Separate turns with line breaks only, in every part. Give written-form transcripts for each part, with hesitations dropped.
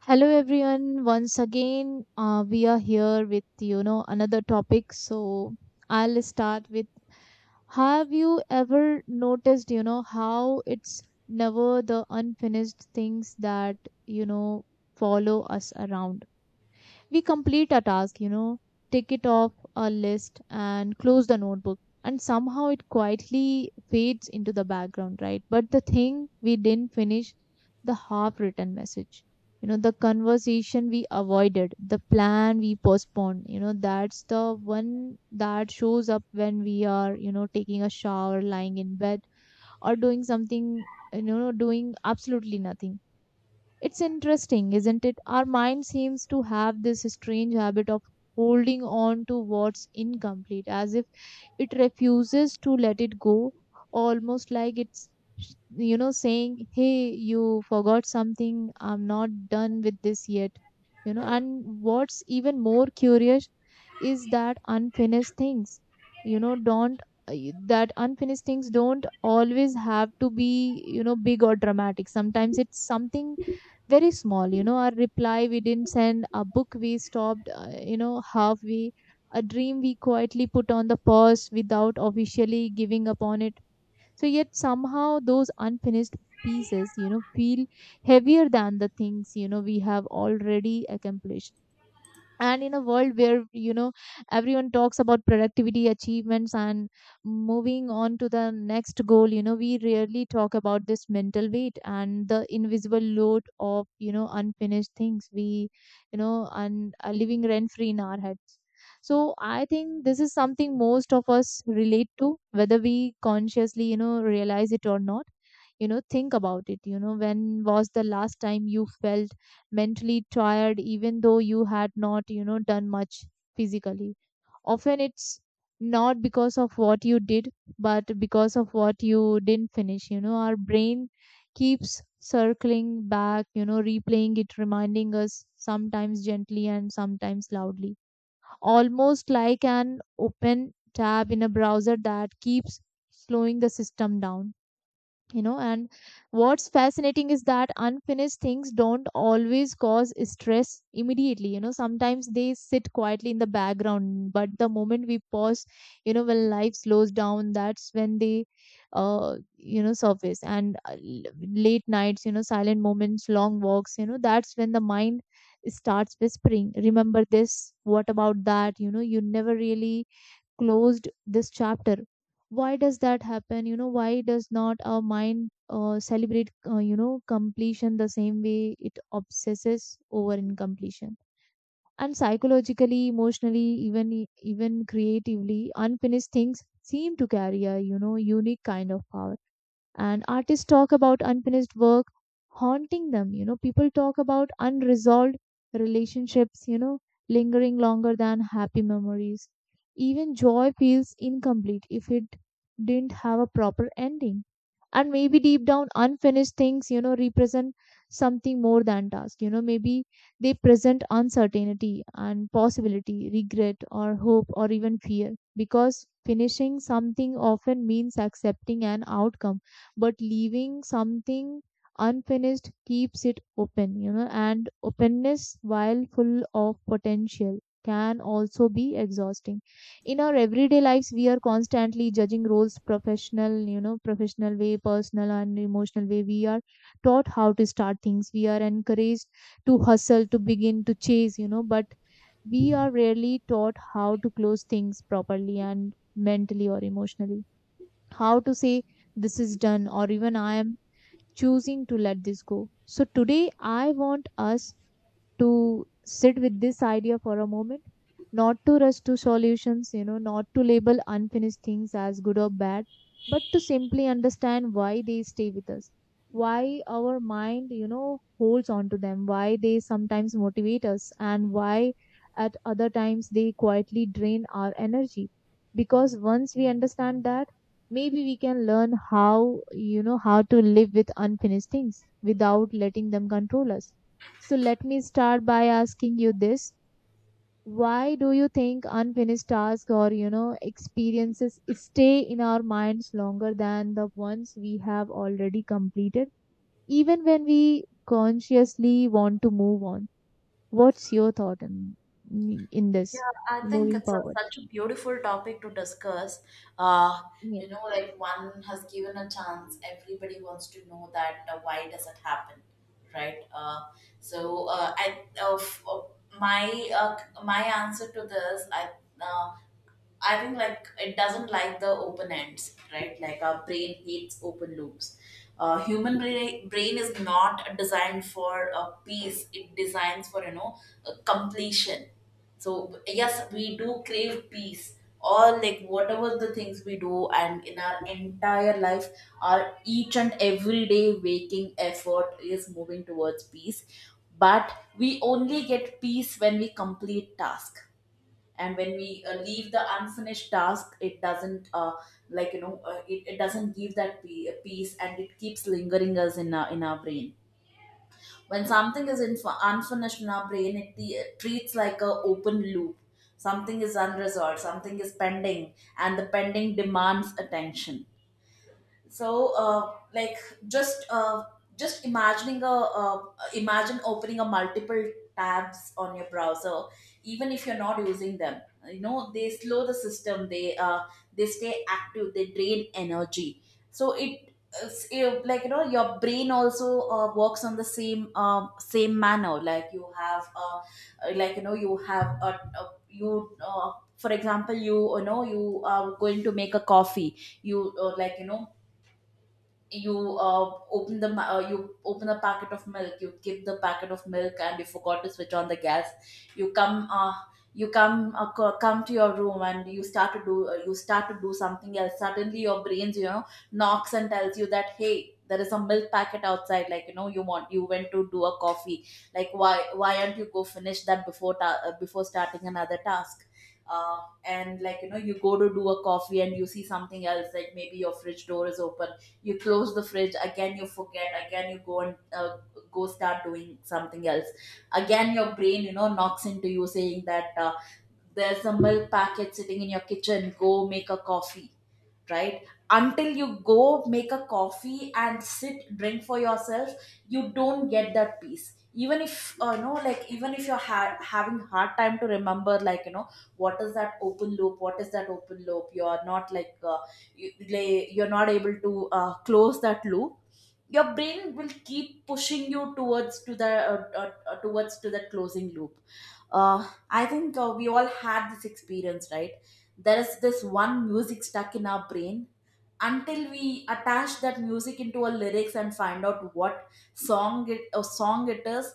Hello everyone. Once again, we are here with another topic. So I'll start with: Have you ever noticed how it's never the unfinished things that you know follow us around? We complete a task, tick it off a list and close the notebook. And somehow it quietly fades into the background, right? But the thing we didn't finish, the half written message, the conversation we avoided, the plan we postponed, that's the one that shows up when we are, taking a shower, lying in bed, or doing something, doing absolutely nothing. It's interesting, isn't it? Our mind seems to have this strange habit of holding on to what's incomplete, as if it refuses to let it go, almost like it's, saying, "Hey, you forgot something, I'm not done with this yet." And what's even more curious is that unfinished things, don't that unfinished things don't always have to be big or dramatic. Sometimes it's something very small. Our reply we didn't send, a book we stopped halfway, a dream we quietly put on the pause without officially giving up on it. So yet somehow those unfinished pieces feel heavier than the things we have already accomplished. And in a world where everyone talks about productivity, achievements and moving on to the next goal, we rarely talk about this mental weight and the invisible load of unfinished things we and are living rent free in our heads. So I think this is something most of us relate to, whether we consciously realize it or not. Think about it. When was the last time you felt mentally tired even though you had not done much physically? Often it's not because of what you did, but because of what you didn't finish. Our brain keeps circling back, replaying it, reminding us, sometimes gently and sometimes loudly, almost like an open tab in a browser that keeps slowing the system down. And what's fascinating is that unfinished things don't always cause stress immediately. Sometimes they sit quietly in the background, but the moment we pause, when life slows down, that's when they surface. And late nights, silent moments, long walks, that's when the mind starts whispering, remember this, what about that, you never really closed this chapter. Why does that happen? Why does not our mind celebrate completion the same way it obsesses over incompletion? And psychologically, emotionally, even creatively, unfinished things seem to carry a unique kind of power. And artists talk about unfinished work haunting them. People talk about unresolved relationships, lingering longer than happy memories. Even joy feels incomplete if it didn't have a proper ending. And maybe deep down unfinished things represent something more than task. Maybe they present uncertainty and possibility, regret or hope or even fear, because finishing something often means accepting an outcome, but leaving something unfinished keeps it open, and openness, while full of potential, can also be exhausting. In our everyday lives, we are constantly judging roles professional, professional way, personal and emotional way. We are taught how to start things. We are encouraged to hustle, to begin, to chase, but we are rarely taught how to close things properly and mentally or emotionally, how to say this is done, or even, I am choosing to let this go. So today I want us to sit with this idea for a moment, not to rush to solutions, not to label unfinished things as good or bad, but to simply understand why they stay with us, why our mind, holds on to them, why they sometimes motivate us, and why at other times they quietly drain our energy. Because once we understand that, maybe we can learn how to live with unfinished things without letting them control us. So let me start by asking you this: why do you think unfinished tasks or, experiences stay in our minds longer than the ones we have already completed, even when we consciously want to move on? What's your thought in
Yeah,
this,
I think
moving
it's
forward?
such a beautiful topic to discuss. Uh,
Yes.
like, one has given a chance, everybody wants to know that why does it happen, right? So my uh, my answer to this, uh, I think, like, it doesn't like the open ends, right? Like, our brain hates open loops. Human brain is not designed for a peace. It designs for, a completion. So yes, we do crave peace. All, like, whatever the things we do, and in our entire life, our each and every day waking effort is moving towards peace. But we only get peace when we complete task, and when we leave the unfinished task, it doesn't like, it doesn't give that peace, and it keeps lingering us in our brain. When something is unfinished in our brain, it treats like a open loop. Something is unresolved, something is pending, and the pending demands attention. So, like, just uh, just imagining a imagine opening a multiple tabs on your browser. Even if you're not using them, they slow the system, they stay active, they drain energy. So it's like, your brain also works on the same manner. Like, you have, like, you have a you for example, you are going to make a coffee. You like, you you open a packet of milk. You give the packet of milk, and you forgot to switch on the gas. You come uh, you come uh, co- come to your room, and you start to do, you start to do something else. Suddenly your brains, knocks and tells you that, hey, there is a milk packet outside. Like, you went to do a coffee. Like, why aren't you go finish that before starting another task. Uh, and like, you go to do a coffee and you see something else, like maybe your fridge door is open. You close the fridge, again you forget, again you go and go start doing something else. Again your brain, knocks into you saying that, there's a milk packet sitting in your kitchen, go make a coffee, right? Until you go make a coffee and sit, drink, for yourself, you don't get that peace, even if, no, like, even if you're having hard time to remember, like, what is that open loop, what is that open loop, you're not, like, you, like, you're not able to close that loop. Your brain will keep pushing you towards to that closing loop. Uh, I think, we all had this experience, right? There is this one music stuck in our brain until we attach that music into a lyrics and find out what song it a song it is.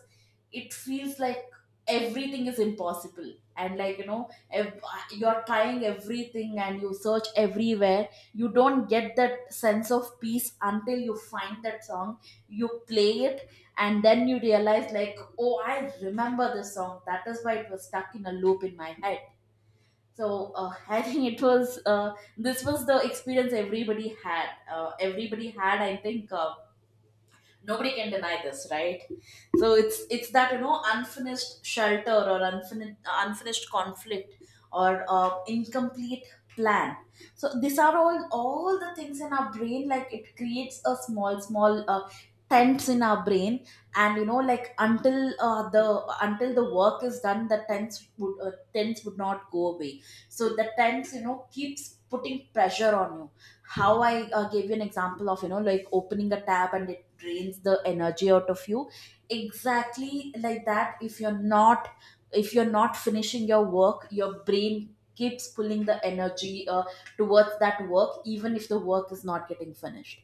It feels like everything is impossible and, like, you're trying everything and you search everywhere, you don't get that sense of peace until you find that song, you play it, and then you realize, like, oh, I remember this song, that is why it was stuck in a loop in my head. So, I think it was this was the experience everybody had. Everybody had, I think, nobody can deny this, right? So it's that, unfinished shelter, or unfinished conflict, or incomplete plan. So these are all the things in our brain, like, it creates a small small tents in our brain. And, like, until the work is done, the tents would not go away. So the tents, keeps putting pressure on you. How I gave you an example of, like opening a tab, and it drains the energy out of you. Exactly like that, if you're not, if you're not finishing your work, your brain keeps pulling the energy towards that work, even if the work is not getting finished.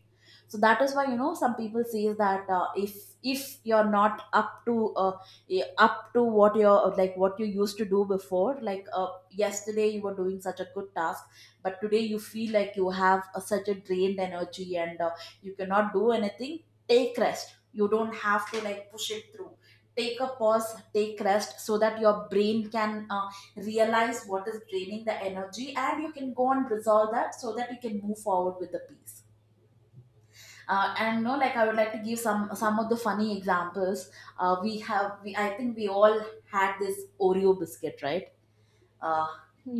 So that is why, some people say that, if you're not up to, up to what you're like what you used to do before. Like, yesterday you were doing such a good task, but today you feel like you have such a drained energy, and you cannot do anything. Take rest, you don't have to like push it through. Take a pause, take rest, so that your brain can realize what is draining the energy, and you can go and resolve that, so that you can move forward with the peace. And, no, like, I would like to give some of the funny examples. I think we all had this Oreo biscuit, right? uh,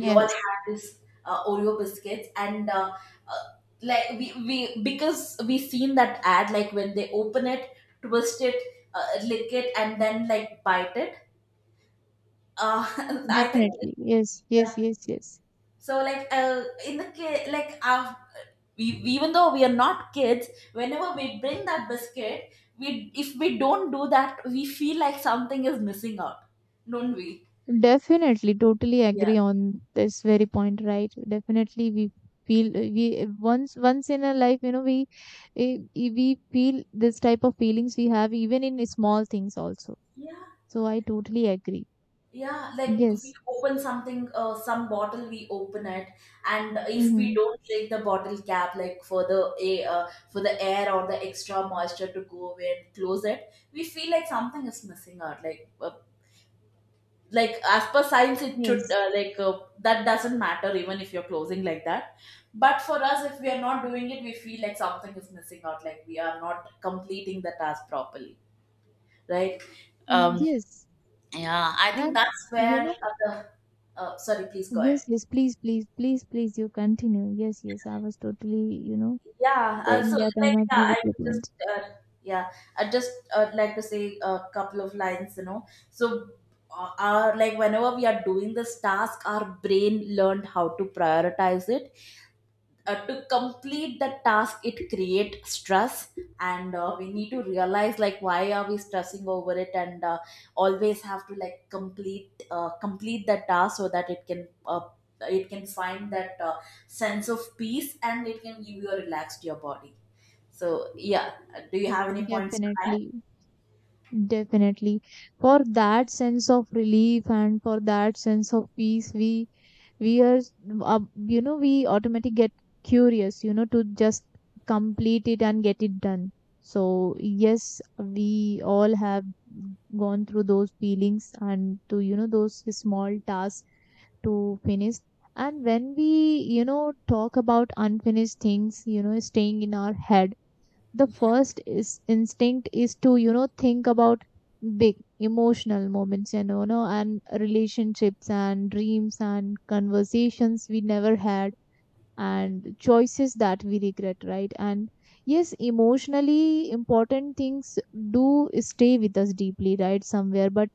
we all had this Oreo biscuits, and uh, like, we because we seen that ad, like, when they open it, twist it, lick it, and then, like, bite it. Uh, I think.
definitely. Yes,
Yeah.
yes, yes, yes.
So, like, we, even though we are not kids, whenever we bring that biscuit, we if we don't do that, we feel like something is missing out, don't we?
Definitely, totally
Yeah.
agree on this very point, right? Definitely, we feel we once in a life, we feel this type of feelings we have even in small things also.
Yeah.
So I totally agree.
Yeah, like, we
Yes.
open something, some bottle, we open it, and if we
Mm-hmm.
don't take the bottle cap, like, for the air or the extra moisture to go away and close it, we feel like something is missing out. Like, like, as per science, it should
Yes.
like, that doesn't matter even if you're closing like that. But for us, if we are not doing it, we feel like something is missing out. Like, we are not completing the task properly, right?
Mm,
Um,
yes.
yeah, I think
And
that's
you
where
know,
the. Sorry, please go ahead.
yes, yes. Please, please, please, please. You continue. Yes, yes. I was totally,
Yeah,
saying
so,
that I'm
like, yeah,
agree with your point.
yeah, I just like to say a couple of lines. So, our like whenever we are doing this task, our brain learned how to prioritize it. To complete the task, it creates stress, and we need to realize, like, why are we stressing over it, and always have to like complete the task, so that it can it can find that sense of peace, and it can give you a relaxed your body. So yeah, do you have any points to add?
Definitely. Definitely. For that sense of relief and for that sense of peace, we are we automatically get curious, to just complete it and get it done. So yes, we all have gone through those feelings and to those small tasks to finish. And when we talk about unfinished things, staying in our head, the first is instinct is to think about big emotional moments, no, and relationships and dreams and conversations we never had, and choices that we regret, right? And yes, emotionally important things do stay with us deeply, right, somewhere, but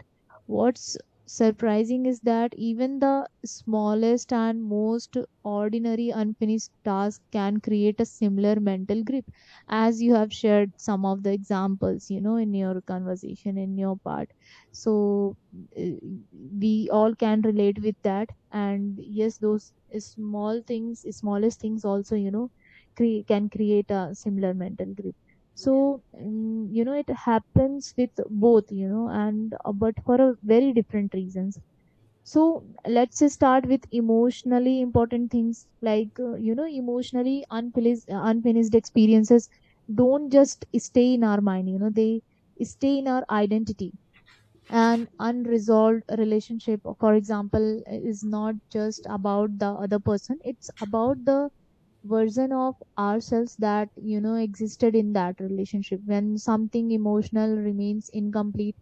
what's surprising is that even the smallest and most ordinary unfinished task can create a similar mental grip, as you have shared some of the examples in your conversation, in your part. So uh, we all can relate with that, and yes, those small things, smallest things also, can create a similar mental grip. So it happens with both, and but for a very different reasons. So let's just start with emotionally important things. Like emotionally unfinished experiences don't just stay in our mind, they stay in our identity. An unresolved relationship, for example, is not just about the other person, it's about the version of ourselves that existed in that relationship. When something emotional remains incomplete,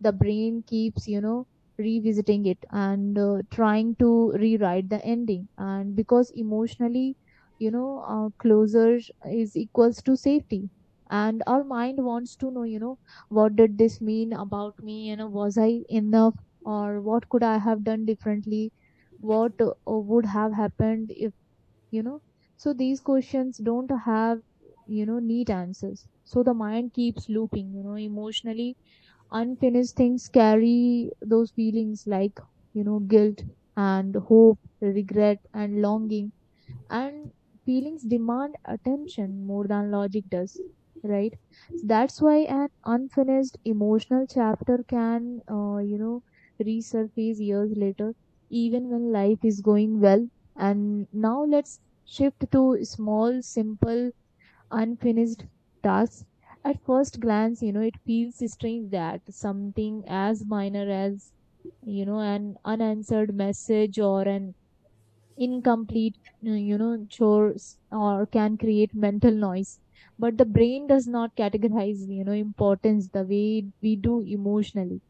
the brain keeps revisiting it and trying to rewrite the ending. And because emotionally closure is equals to safety, and our mind wants to know, what did this mean about me, was I enough, or what could I have done differently, what would have happened if, you know so these questions don't have neat answers. So the mind keeps looping. Emotionally unfinished things carry those feelings, like guilt and hope, regret and longing, and feelings demand attention more than logic does, right? So that's why an unfinished emotional chapter can resurface years later, even when life is going well. And now let's shift to small simple unfinished tasks. At first glance, it feels strange that something as minor as, an unanswered message, or an incomplete, chores, or can create mental noise. But the brain does not categorize, importance the way we do emotionally,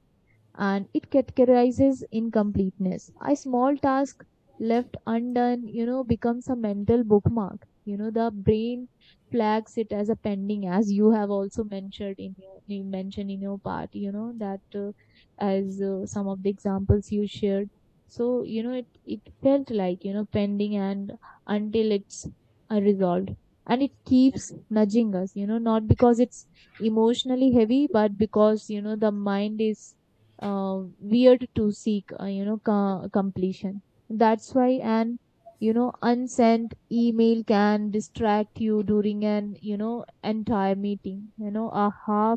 and it categorizes incompleteness. A small task left undone, becomes a mental bookmark. The brain flags it as a pending, as you have also mentioned in your part. That as some of the examples you shared. So it felt like pending, and until it's resolved, and it keeps nudging us. Not because it's emotionally heavy, but because the mind is weird to seek completion. That's why an unsent email can distract you during an entire meeting, you know aha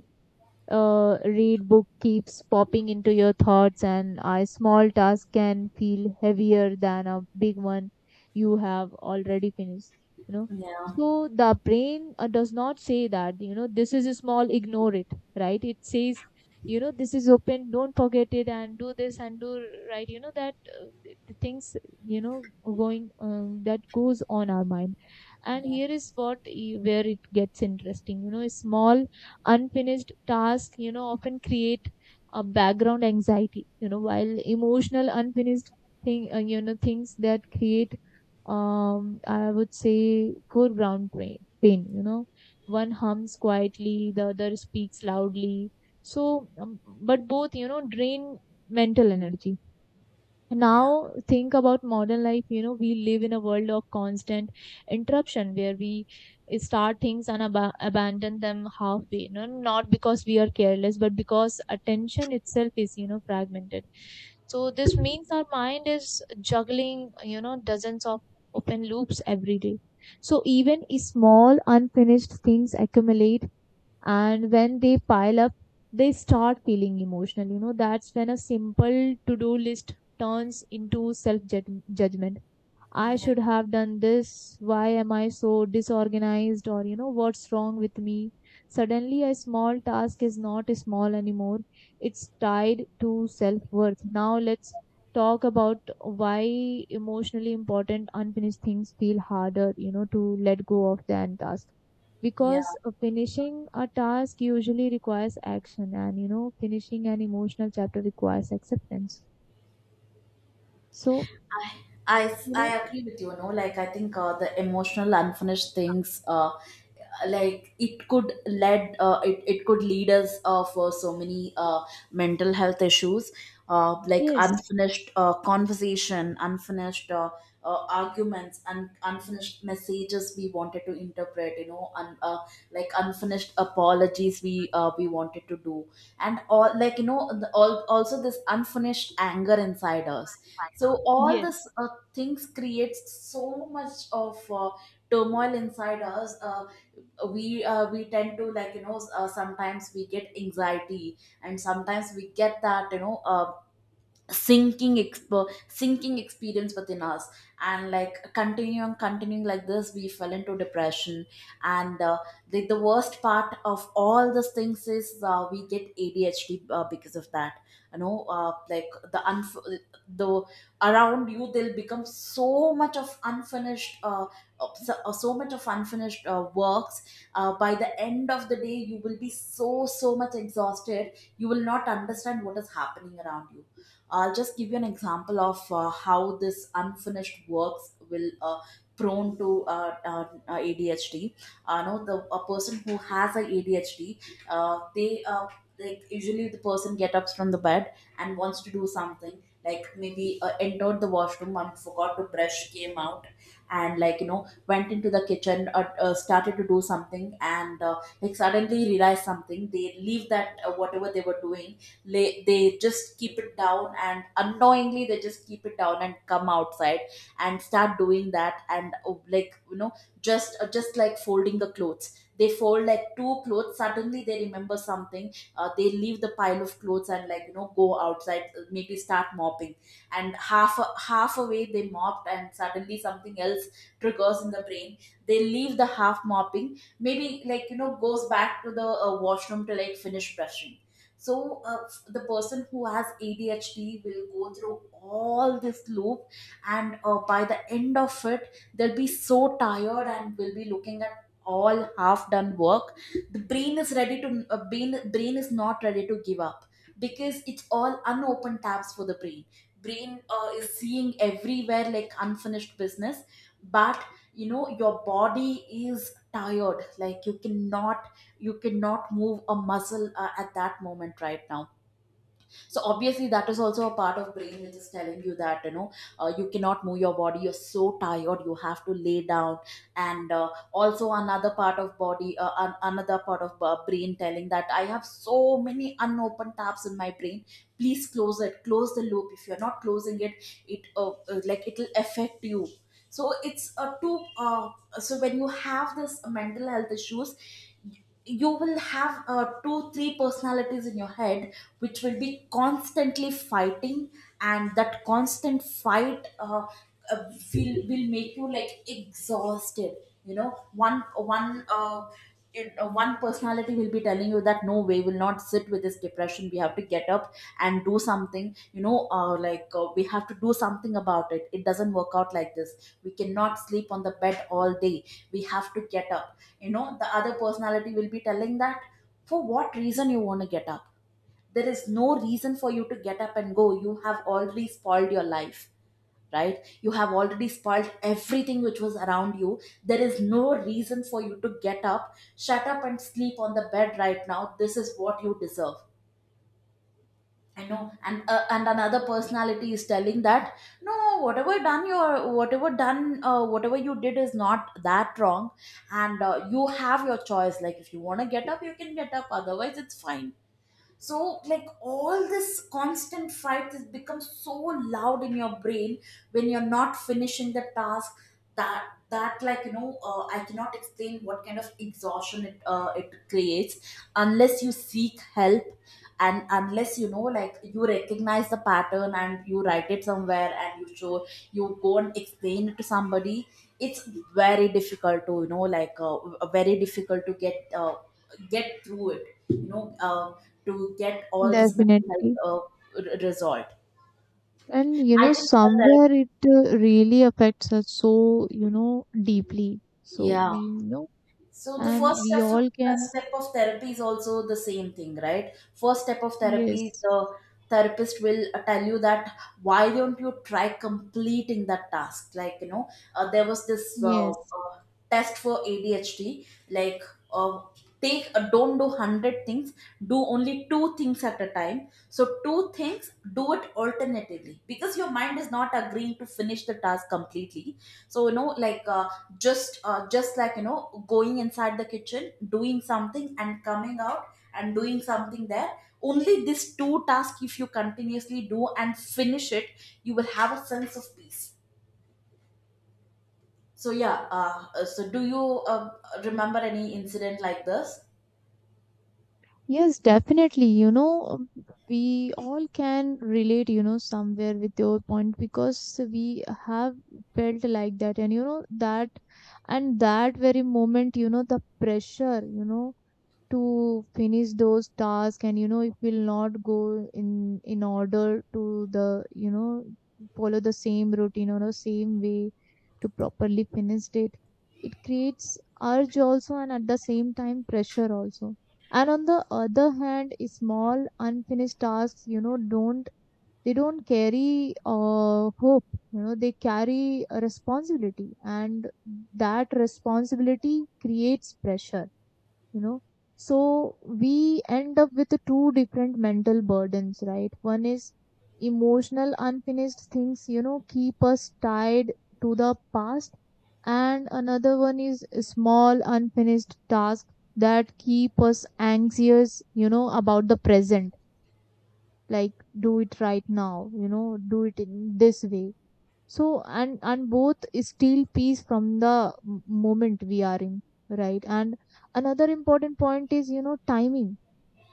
uh, read book keeps popping into your thoughts, and a small task can feel heavier than a big one you have already finished you know
Yeah,
so the brain does not say that, this is small, ignore it. Right, it says, this is open, don't forget it, and do this and do, right? Things, you know going that goes on our mind. And here is where it gets interesting. Small unfinished tasks often create a background anxiety, while emotional unfinished thing you know things that create, I would say, foreground pain. One hums quietly, the other speaks loudly. So, but both, drain mental energy.
yeah,
Now think about modern life. We live in a world of constant interruption where we start things and abandon them halfway, not because we are careless, but because attention itself is, fragmented. So this means our mind is juggling, dozens of open loops every day. So even small unfinished things accumulate, and when they pile up they start feeling emotional. That's when a simple to do list turns into self judgment. I
yeah,
should have done this, why am I so disorganized, or what's wrong with me? Suddenly a small task is not small anymore. It's tied to self worth. Now let's talk about why emotionally important unfinished things feel harder, to let go of than task.
yeah.
Because finishing a task usually requires action, and finishing an emotional chapter requires acceptance. So
I, I,
you
I
know
agree with you, no? Like, I think the emotional unfinished things, like, it could lead us for so many mental health issues, like,
yes.
unfinished conversation, unfinished arguments, unfinished messages we wanted to interpret, like, unfinished apologies we wanted to do, and all, like, also this unfinished anger inside us. So all this,
Yes,
things creates so much of turmoil inside us. We tend to, like, sometimes we get anxiety, and sometimes we get that, sinking expo sinking experience within us, and like, continuing like this, we fell into depression. And the worst part of all these things is, we get ADHD because of that. Like, the around you, they will become so much of unfinished works by the end of the day. You will be so much exhausted, you will not understand what is happening around you. I'll just give you an example of how this unfinished works will prone to ADHD. No, the a person who has a ADHD, they like usually the person get ups from the bed and wants to do something like maybe entered the washroom and forgot to brush came out and went into the kitchen started to do something and like suddenly realized something they leave that whatever they were doing they just keep it down, and unknowingly they just keep it down and come outside and start doing that and just like folding the clothes. They fold like two clothes, suddenly they remember something, they leave the pile of clothes and go outside, maybe start mopping, and half away they mopped and suddenly something else triggers in the brain. They leave the half mopping, maybe goes back to the washroom to like finish brushing. So the person who has ADHD will go through all this loop, and by the end of it, they'll be so tired and will be looking at all half done work. The brain is ready to uh, brain is not ready to give up because it's all unopened tabs for the brain. Brain is seeing everywhere like unfinished business, but you know your body is tired. Like, you cannot you cannot move a muscle at that moment right now. So obviously that is also a part of brain which is telling you that you know you cannot move your body, you're so tired, you have to lay down. And also another part of body, another part of brain telling that I have so many unopened tabs in my brain, please close it, close the loop. If you're not closing it, it like it'll affect you. So it's a two so when you have this mental health issues, you will have two three personalities in your head which will be constantly fighting. And that constant fight, will make you like exhausted. You know, one personality will be telling you that no way, will not sit with this depression, we have to get up and do something. You know, we have to do something about it, it doesn't work out like this, we cannot sleep on the bed all day, we have to get up. You know, the other personality will be telling that for what reason you want to get up? There is no reason for you to get up and go, you have already spoiled your life, right? You have already spoiled everything which was around you. There is no reason for you to get up, shut up and sleep on the bed right now, this is what you deserve. I know. And and another personality is telling that no, whatever done your whatever done whatever you did is not that wrong. And you have your choice, like if you want to get up you can get up, otherwise it's fine. So like all this constant fight has become so loud in your brain when you're not finishing the task, that like you know, I cannot explain what kind of exhaustion it creates unless you seek help, and unless you know, like you recognize the pattern and you write it somewhere and you show, you go and explain it to somebody. It's very difficult to you know, like very difficult to get through it, you know, to get all this mental health
definitely.
resolved.
And
I think that therapy,
somewhere it really affects us so, deeply. So
yeah.
we know,
So the
and
first
we
step
all
first
can,
step of therapy is also the same thing, right? First step of therapy,
yes,
the therapist will tell you that why don't you try completing that task? Like you know, there was this
yes.
test for ADHD, like. Uh, take don't do 100 things, do only two things at a time. So two things, do it alternatively, because your mind is not agreeing to finish the task completely. So you know, like just like you know going inside the kitchen doing something and coming out and doing something there. Only this two tasks if you continuously do and finish it, you will have a sense of peace. So yeah, so do you remember any incident like this?
Yes, definitely. We all can relate, somewhere with your point, because we have felt like that. And, that, and that very moment, the pressure, to finish those tasks. And it will not go in order to, the you know follow the same routine or the same way to properly finish it. It creates urge also, and at the same time pressure also. And on the other hand, small unfinished tasks, don't, they don't carry hope. They carry a responsibility, and that responsibility creates pressure you know so we end up with two different mental burdens, right? One is emotional unfinished things, keep us tied to the past. And another one is small unfinished tasks that keep us anxious, about the present. Like, do it right now, do it in this way. So, and both is steal peace from the moment we are in, right? And another important point is, timing.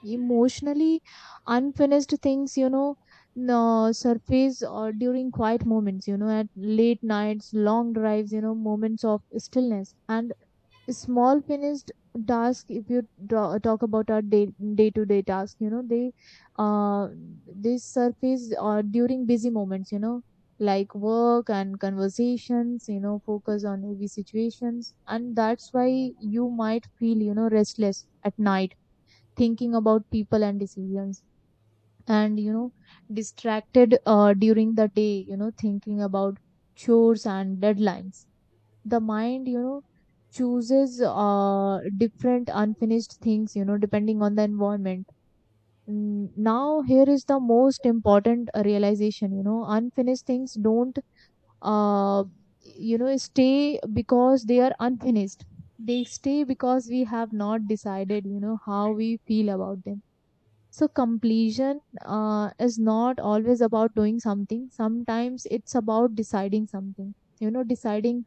Emotionally unfinished things, no, surface or during quiet moments, at late nights, long drives, moments of stillness. And small finished task, if you draw, talk about our day, day to day task, uh they surface during busy moments, like work and conversations, focus on heavy situations. And that's why you might feel, restless at night, thinking about people and decisions, and, distracted during the day, thinking about chores and deadlines. The mind, chooses different unfinished things, depending on the environment. Mm. Now here is the most important realization. Unfinished things don't, uh, stay because they are unfinished. They stay because we have not decided, how we feel about them. So completion, is not always about doing something. Sometimes it's about deciding something, deciding,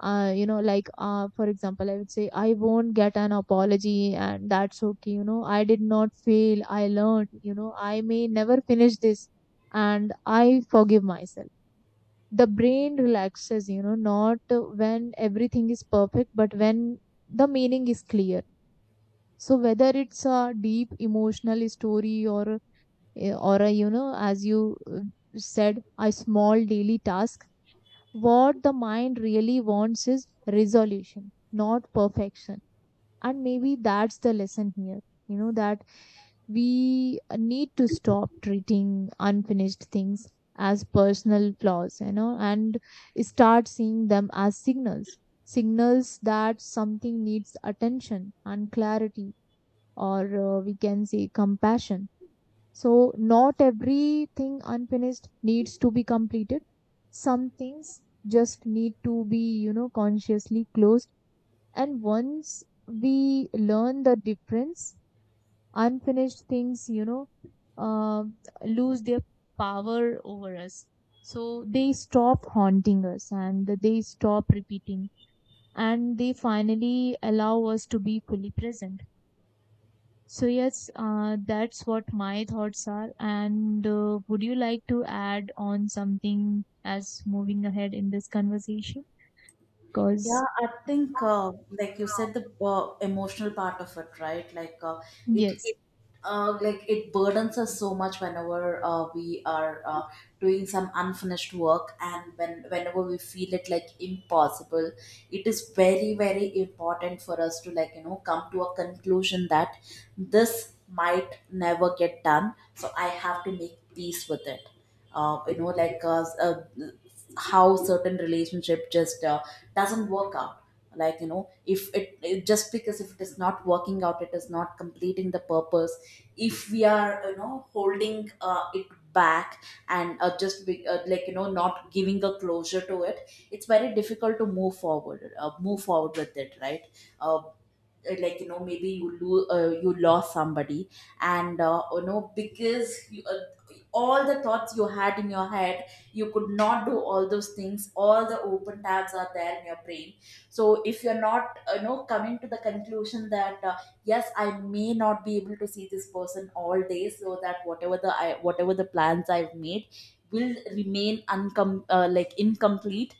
for example, I would say, I won't get an apology, and that's okay. I did not fail, I learned. I may never finish this, and I forgive myself. The brain relaxes, not when everything is perfect, but when the meaning is clear. So whether it's a deep emotional story or a as you said, a small daily task, what the mind really wants is resolution, not perfection. And maybe that's the lesson here. That we need to stop treating unfinished things as personal flaws, and start seeing them as signals. Signals that something needs attention and clarity, or we can say compassion. So, not everything unfinished needs to be completed. Some things just need to be, consciously closed. And once we learn the difference, unfinished things, uh, lose their power over us. So, they stop haunting us, and they stop repeating, and they finally allow us to be fully present. So yes, that's what my thoughts are. And would you like to add on something as moving ahead in this conversation?
Yeah,
Because
I think like you said, the emotional part of it, right? Like it,
yes,
it like it burdens us so much whenever we are doing some unfinished work, and whenever we feel it like impossible, it is very very important for us to like you know come to a conclusion that this might never get done, so I have to make peace with it. Uh, you know, like uh, s- uh, how certain relationship just doesn't work out, like you know if it just, because if it is not working out it is not completing the purpose. If we are you know holding it back and just be, like you know not giving a closure to it, it's very difficult to move forward with it, right? uh, like you know maybe you lost somebody, and you know because all the thoughts you had in your head, you could not do all those things, all the open tabs are there in your brain. So if you're not you know coming to the conclusion that yes I may not be able to see this person all day, so that whatever the plans I've made will remain like incomplete,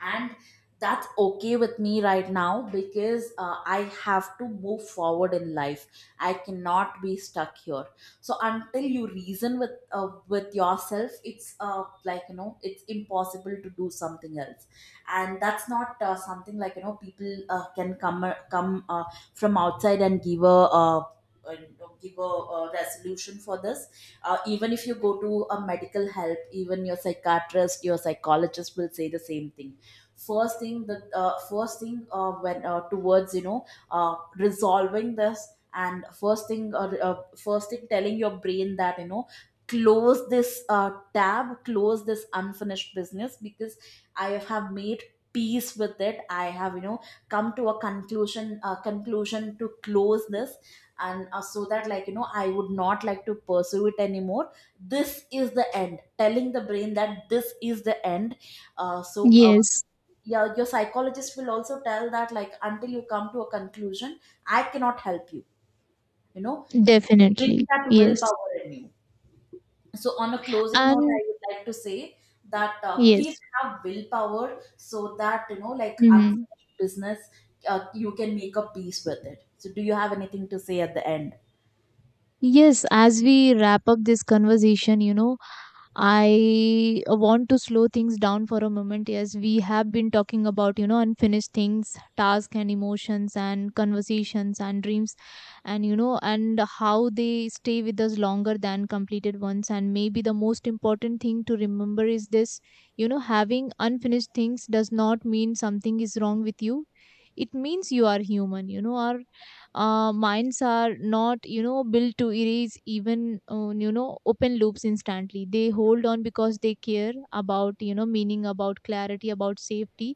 and that's okay with me right now because I have to move forward in life, I cannot be stuck here. So until you reason with yourself, it's like you know it's impossible to do something else. And that's not something like you know people can come from outside and give a uh, give a resolution for this. Even if you go to a medical help, even your psychiatrist, your psychologist will say the same thing. First thing the first thing when towards you know resolving this, and first thing telling your brain that you know close this tab, close this unfinished business because I have made peace with it, I have you know come to a conclusion, conclusion to close this. And so that like you know I would not like to pursue it anymore, this is the end, telling the brain that this is the end. uh, so uh,
yes,
your psychologist will also tell that like until you come to a conclusion I cannot help you, you know, bring
definitely.
that
Yes.
willpower in you. So on a closing note
And
I would like to say that please
yes.
have willpower so that you know like
Hmm.
unfinished business you can make a peace with it. So do you have anything to say at the end?
Yes, as we wrap up this conversation, I want to slow things down for a moment, as we have been talking about, unfinished things, tasks and emotions and conversations and dreams, and, and how they stay with us longer than completed ones. And maybe the most important thing to remember is this, having unfinished things does not mean something is wrong with you. It means you are human. Our minds are not, built to erase even, open loops instantly. They hold on because they care about, meaning, about clarity, about safety.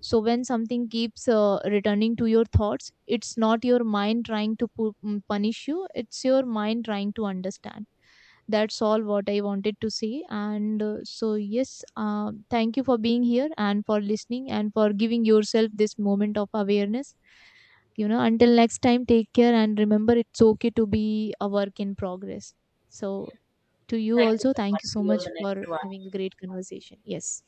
So when something keeps returning to your thoughts, it's not your mind trying to punish you, it's your mind trying to understand. That's all what I wanted to say. And so, yes, thank you for being here, and for listening, and for giving yourself this moment of awareness. Until next time, take care, and remember, it's okay to be a work in progress. So, to you
Thank you
also,
so much,
thank you so
see you on
much
the next
for
one.
having a great conversation. Yes.